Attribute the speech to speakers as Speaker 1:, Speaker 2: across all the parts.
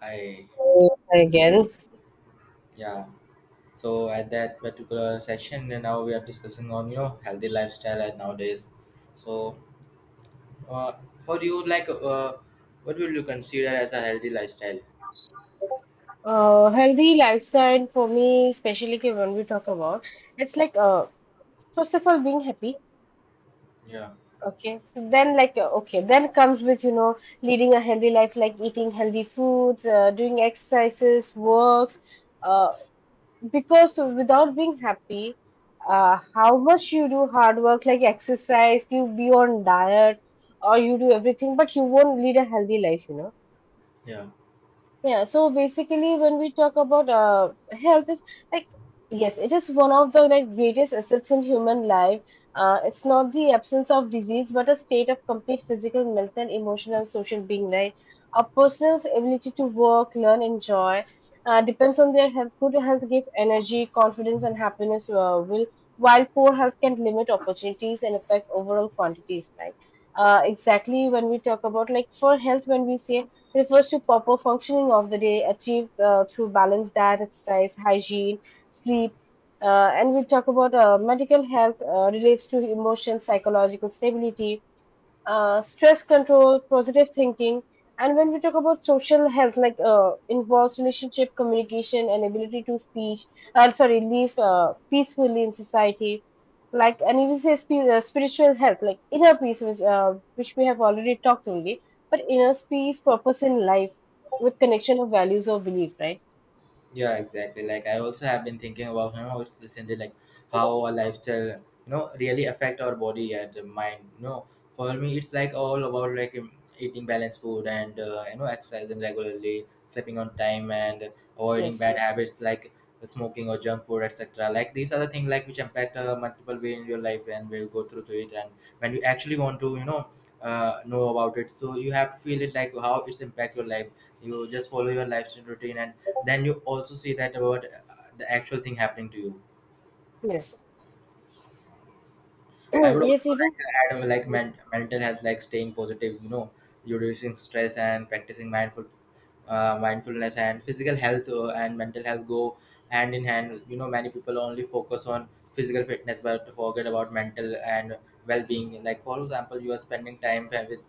Speaker 1: I
Speaker 2: Again.
Speaker 1: yeah. So at that particular section, and now we are discussing on healthy lifestyle at nowadays. So uh, for you, what will you consider as a healthy lifestyle?
Speaker 2: Healthy lifestyle for me, especially okay, when we talk about, it's like first of all being happy.
Speaker 1: Yeah.
Speaker 2: Okay, then like okay, then comes with leading a healthy life, like eating healthy foods, doing exercises, works. Uh, because without being happy, how much you do hard work, like exercise, you be on diet, or you do everything, but you won't lead a healthy life.
Speaker 1: Yeah,
Speaker 2: Yeah, so basically, when we talk about health, is like yes, it is one of the like greatest assets in human life. It's not the absence of disease, but a state of complete physical, mental, emotional, social being, right? A person's ability to work, learn, enjoy depends on their health. Good health gives energy, confidence, and happiness. Will While poor health can limit opportunities and affect overall quantities, like exactly when we talk about like for health when we say refers to proper functioning of the day achieved through balanced diet, exercise, hygiene, sleep. And we talk about medical health relates to emotion, psychological stability, stress control, positive thinking. And when we talk about social health, like involves relationship, communication, and ability to speech, sorry, live peacefully in society. Like, and if we say spiritual health, like inner peace, which we have already talked only, but inner peace, purpose in life with connection of values or belief, right?
Speaker 1: yeah, exactly. Like I also have been thinking about recently, like how a lifestyle really affect our body and the mind. You know, for me, it's like all about like eating balanced food and exercising regularly, sleeping on time, and avoiding
Speaker 2: Yes,
Speaker 1: bad habits like smoking or junk food etc, like these are the things like which impact multiple way in your life, and we'll go through to it. And when you actually want to know about it, so you have to feel it like how it's impact your life. You just follow your lifestyle routine, and then you also see that about the actual thing happening to you.
Speaker 2: yes,
Speaker 1: I would
Speaker 2: yes,
Speaker 1: also
Speaker 2: even.
Speaker 1: like to add mental health, like staying positive, you know, reducing stress and practicing mindfulness. And physical health and mental health go hand in hand. You know, many people only focus on physical fitness but forget about mental and well-being. Like for example, you are spending time with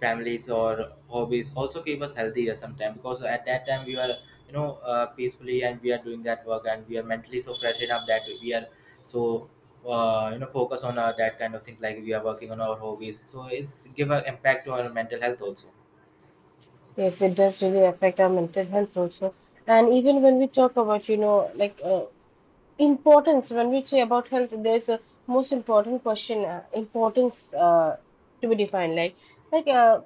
Speaker 1: families or hobbies also keep us healthier sometimes, because at that time we are peacefully and we are doing that work and we are mentally so fresh enough that we are so focus on that kind of things, like we are working on our hobbies, so it give an impact to our mental health also.
Speaker 2: Yes, it does really affect our mental health also. And even when we talk about, you know, like importance when we say about health there's a most important question importance to be defined like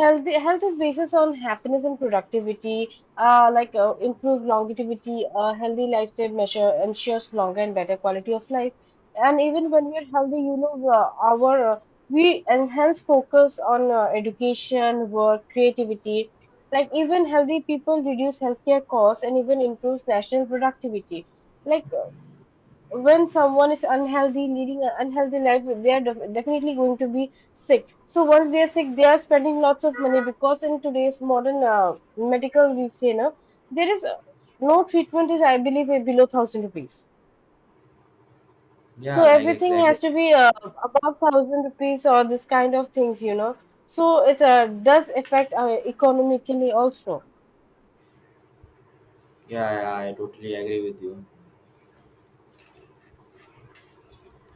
Speaker 2: health is basis on happiness and productivity like improved longevity a healthy lifestyle measure ensures longer and better quality of life. And even when we are healthy, you know, our we enhance focus on education work creativity, like even healthy people reduce healthcare costs and even improves national productivity. Like when someone is unhealthy leading an unhealthy life, they are definitely going to be sick, so once they are sick they are spending lots of money, because in today's modern medical we say now there is no treatment, is I believe below 1,000 rupees. So
Speaker 1: Yeah, like
Speaker 2: everything
Speaker 1: exactly.
Speaker 2: has to be above 1,000 rupees or this kind of things, you know. So it does affect economically also.
Speaker 1: Yeah, yeah, I totally agree with you.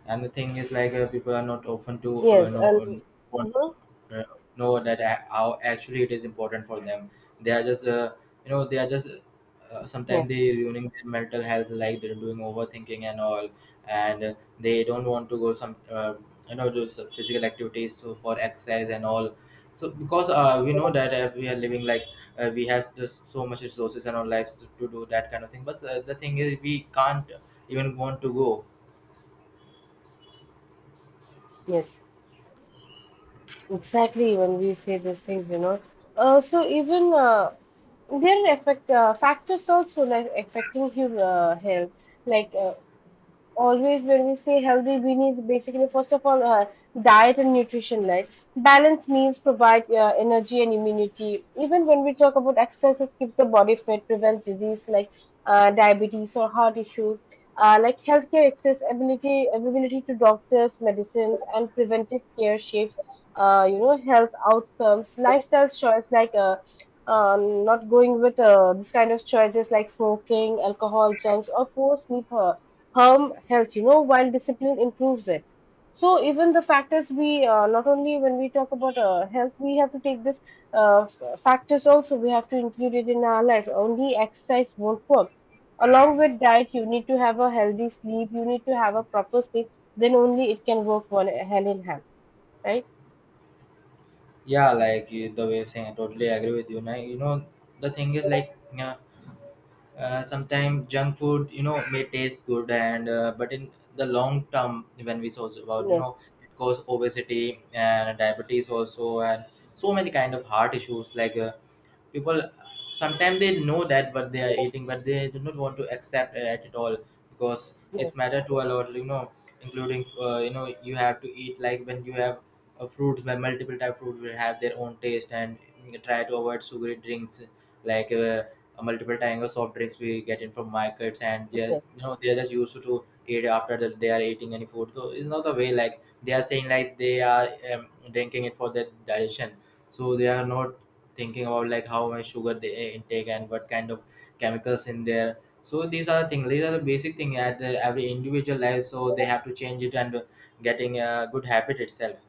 Speaker 1: And the thing is like people are not often to
Speaker 2: Yes, and
Speaker 1: want
Speaker 2: Mhm.
Speaker 1: to, uh, know that how actually it is important for them. They are just they are just sometimes
Speaker 2: Yes,
Speaker 1: they ruining their mental health, like they're doing overthinking and all. And they don't want to go some do some physical activities so for exercise and all. So because we know that we are living like we have just so much resources in our lives to do that kind of thing, but the thing is we can't even want to go.
Speaker 2: yes. Exactly, when we say these things, you know. So even there are effect factors also, like affecting your health. Like always when we say healthy we need basically first of all diet and nutrition, like balanced meals provide energy and immunity. Even when we talk about exercise, keeps the body fit, prevents disease, like diabetes or heart issue. Like healthcare access ability availability to doctors medicines and preventive care shapes you know health outcomes, lifestyle choice, like not going with this kind of choices like smoking, alcohol, junks or poor sleep. Harm health, you know, while discipline improves it. So even the factors we not only when we talk about health, we have to take this factors also. We have to include it in our life. Only exercise won't work. Along with diet, you need to have a healthy sleep. You need to have a proper sleep. Then only it can work one hand in hand, right?
Speaker 1: Yeah, like the way you're saying, I totally agree with you. Now, you know, the thing is like, yeah, sometimes junk food, you know, may taste good, and but in the long term, when we saw about, you
Speaker 2: Yes,
Speaker 1: know, it cause obesity and diabetes also, and so many kind of heart issues like people sometimes they know that what they are eating, but they do not want to accept it at all because it
Speaker 2: yes,
Speaker 1: matter to a lot, you know, including you know you have to eat like when you have fruits by multiple type fruit will have their own taste. And try to avoid sugary drinks like multiple types of soft drinks we get in from markets. And yeah,
Speaker 2: yes.
Speaker 1: you know, they are just used to eat after that they are eating any food, so it's not the way like they are saying like they are drinking it for their digestion. So they are not thinking about like how my sugar they intake and what kind of chemicals in there. So these are the things, these are the basic thing at every individual life, so they have to change it and getting a good habit itself.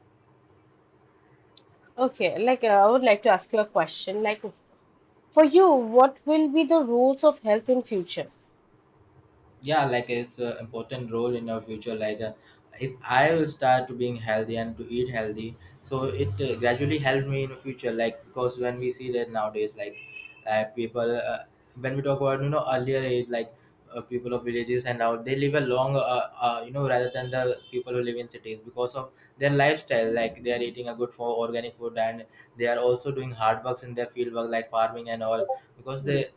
Speaker 2: Okay, like I would like to ask you a question. Like for you, what will be the roles of health in future?
Speaker 1: Yeah, like it's an important role in our future, like if I will start to being healthy and to eat healthy, so it gradually helped me in the future, like because when we see that nowadays like people when we talk about you know earlier age, like people of villages and now they live a long, you know, rather than the people who live in cities because of their lifestyle, like they are eating a good for organic food, and they are also doing hard works in their field work like farming and all, because
Speaker 2: Mm.
Speaker 1: they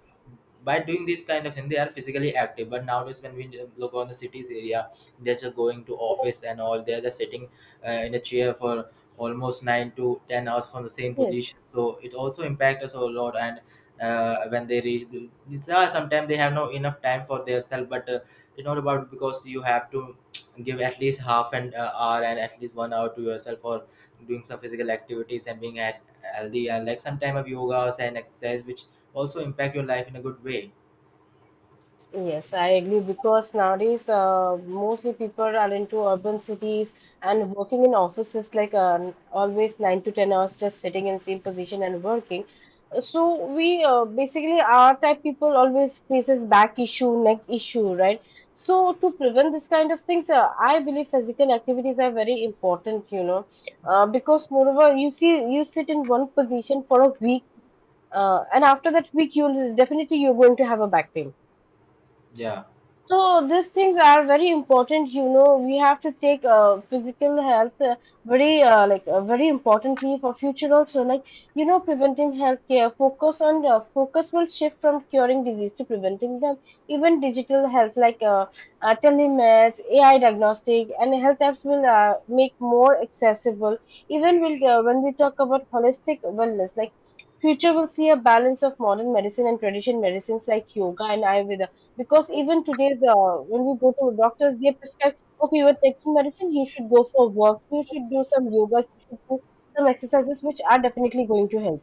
Speaker 1: by doing this kind of thing they are physically active. But nowadays when we look on the cities area, they're just going to office and all, they're just sitting in a chair for almost 9 to 10 hours from the same
Speaker 2: Yes.
Speaker 1: position, so it also impacts us a lot. And when they reach, sometimes they have no enough time for themselves, but it's not about, because you have to give at least half an hour and at least 1 hour to yourself for doing some physical activities and being at healthy, and like some time of yogas and exercise which also impact your life in a good way.
Speaker 2: Yes, I agree, because nowadays mostly people are into urban cities and working in offices like always 9 to 10 hours just sitting in same position and working. So we basically our type people always faces back issue, neck issue, right? So to prevent this kind of things, I believe physical activities are very important, you know, because moreover you see you sit in one position for a week, and after that week you'll definitely you're going to have a back pain.
Speaker 1: Yeah,
Speaker 2: So these things are very important, you know. We have to take physical health very importantly for future also. Like you know, preventing healthcare focus on focus will shift from curing disease to preventing them. Even digital health like telemeds, AI diagnostic, and health apps will make more accessible. Even will when we talk about holistic wellness, like future will see a balance of modern medicine and traditional medicines like yoga and ayurveda, because even today's when we go to doctors they prescribe, okay, you are taking medicine, you should go for walk, you should do some yoga, you should do some exercises, which are definitely going to help.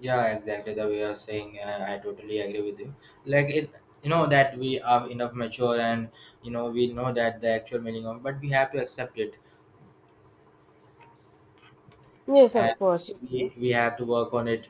Speaker 1: yeah, exactly the way you're saying. I totally agree with you. Like it, you know that we are enough mature, and you know we know that the actual meaning of, but we have to accept it,
Speaker 2: You yes of
Speaker 1: and
Speaker 2: course.
Speaker 1: we have to work on it.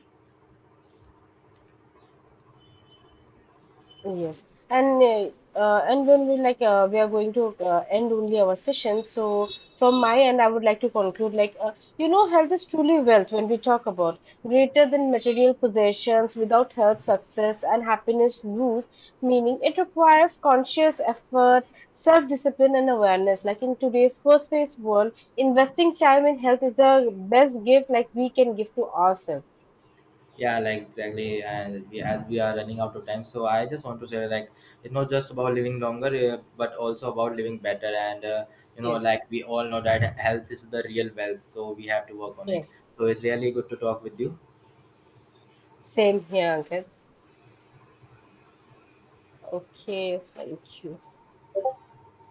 Speaker 2: Yes, and when we like we are going to end only our session. So from my end, I would like to conclude, like you know, health is truly wealth when we talk about greater than material possessions. Without health, success and happiness lose meaning. It requires conscious effort, self-discipline, and awareness. Like in today's fast paced world, investing time in health is the best gift like we can give to ourselves.
Speaker 1: Yeah, like exactly, and we, as we are running out of time, so I just want to say like it's not just about living longer, but also about living better. And you know,
Speaker 2: Yes,
Speaker 1: like we all know that health is the real wealth, so we have to work on it.
Speaker 2: yes,
Speaker 1: So it's really good to talk with you.
Speaker 2: same here, Ankit. Okay, thank you.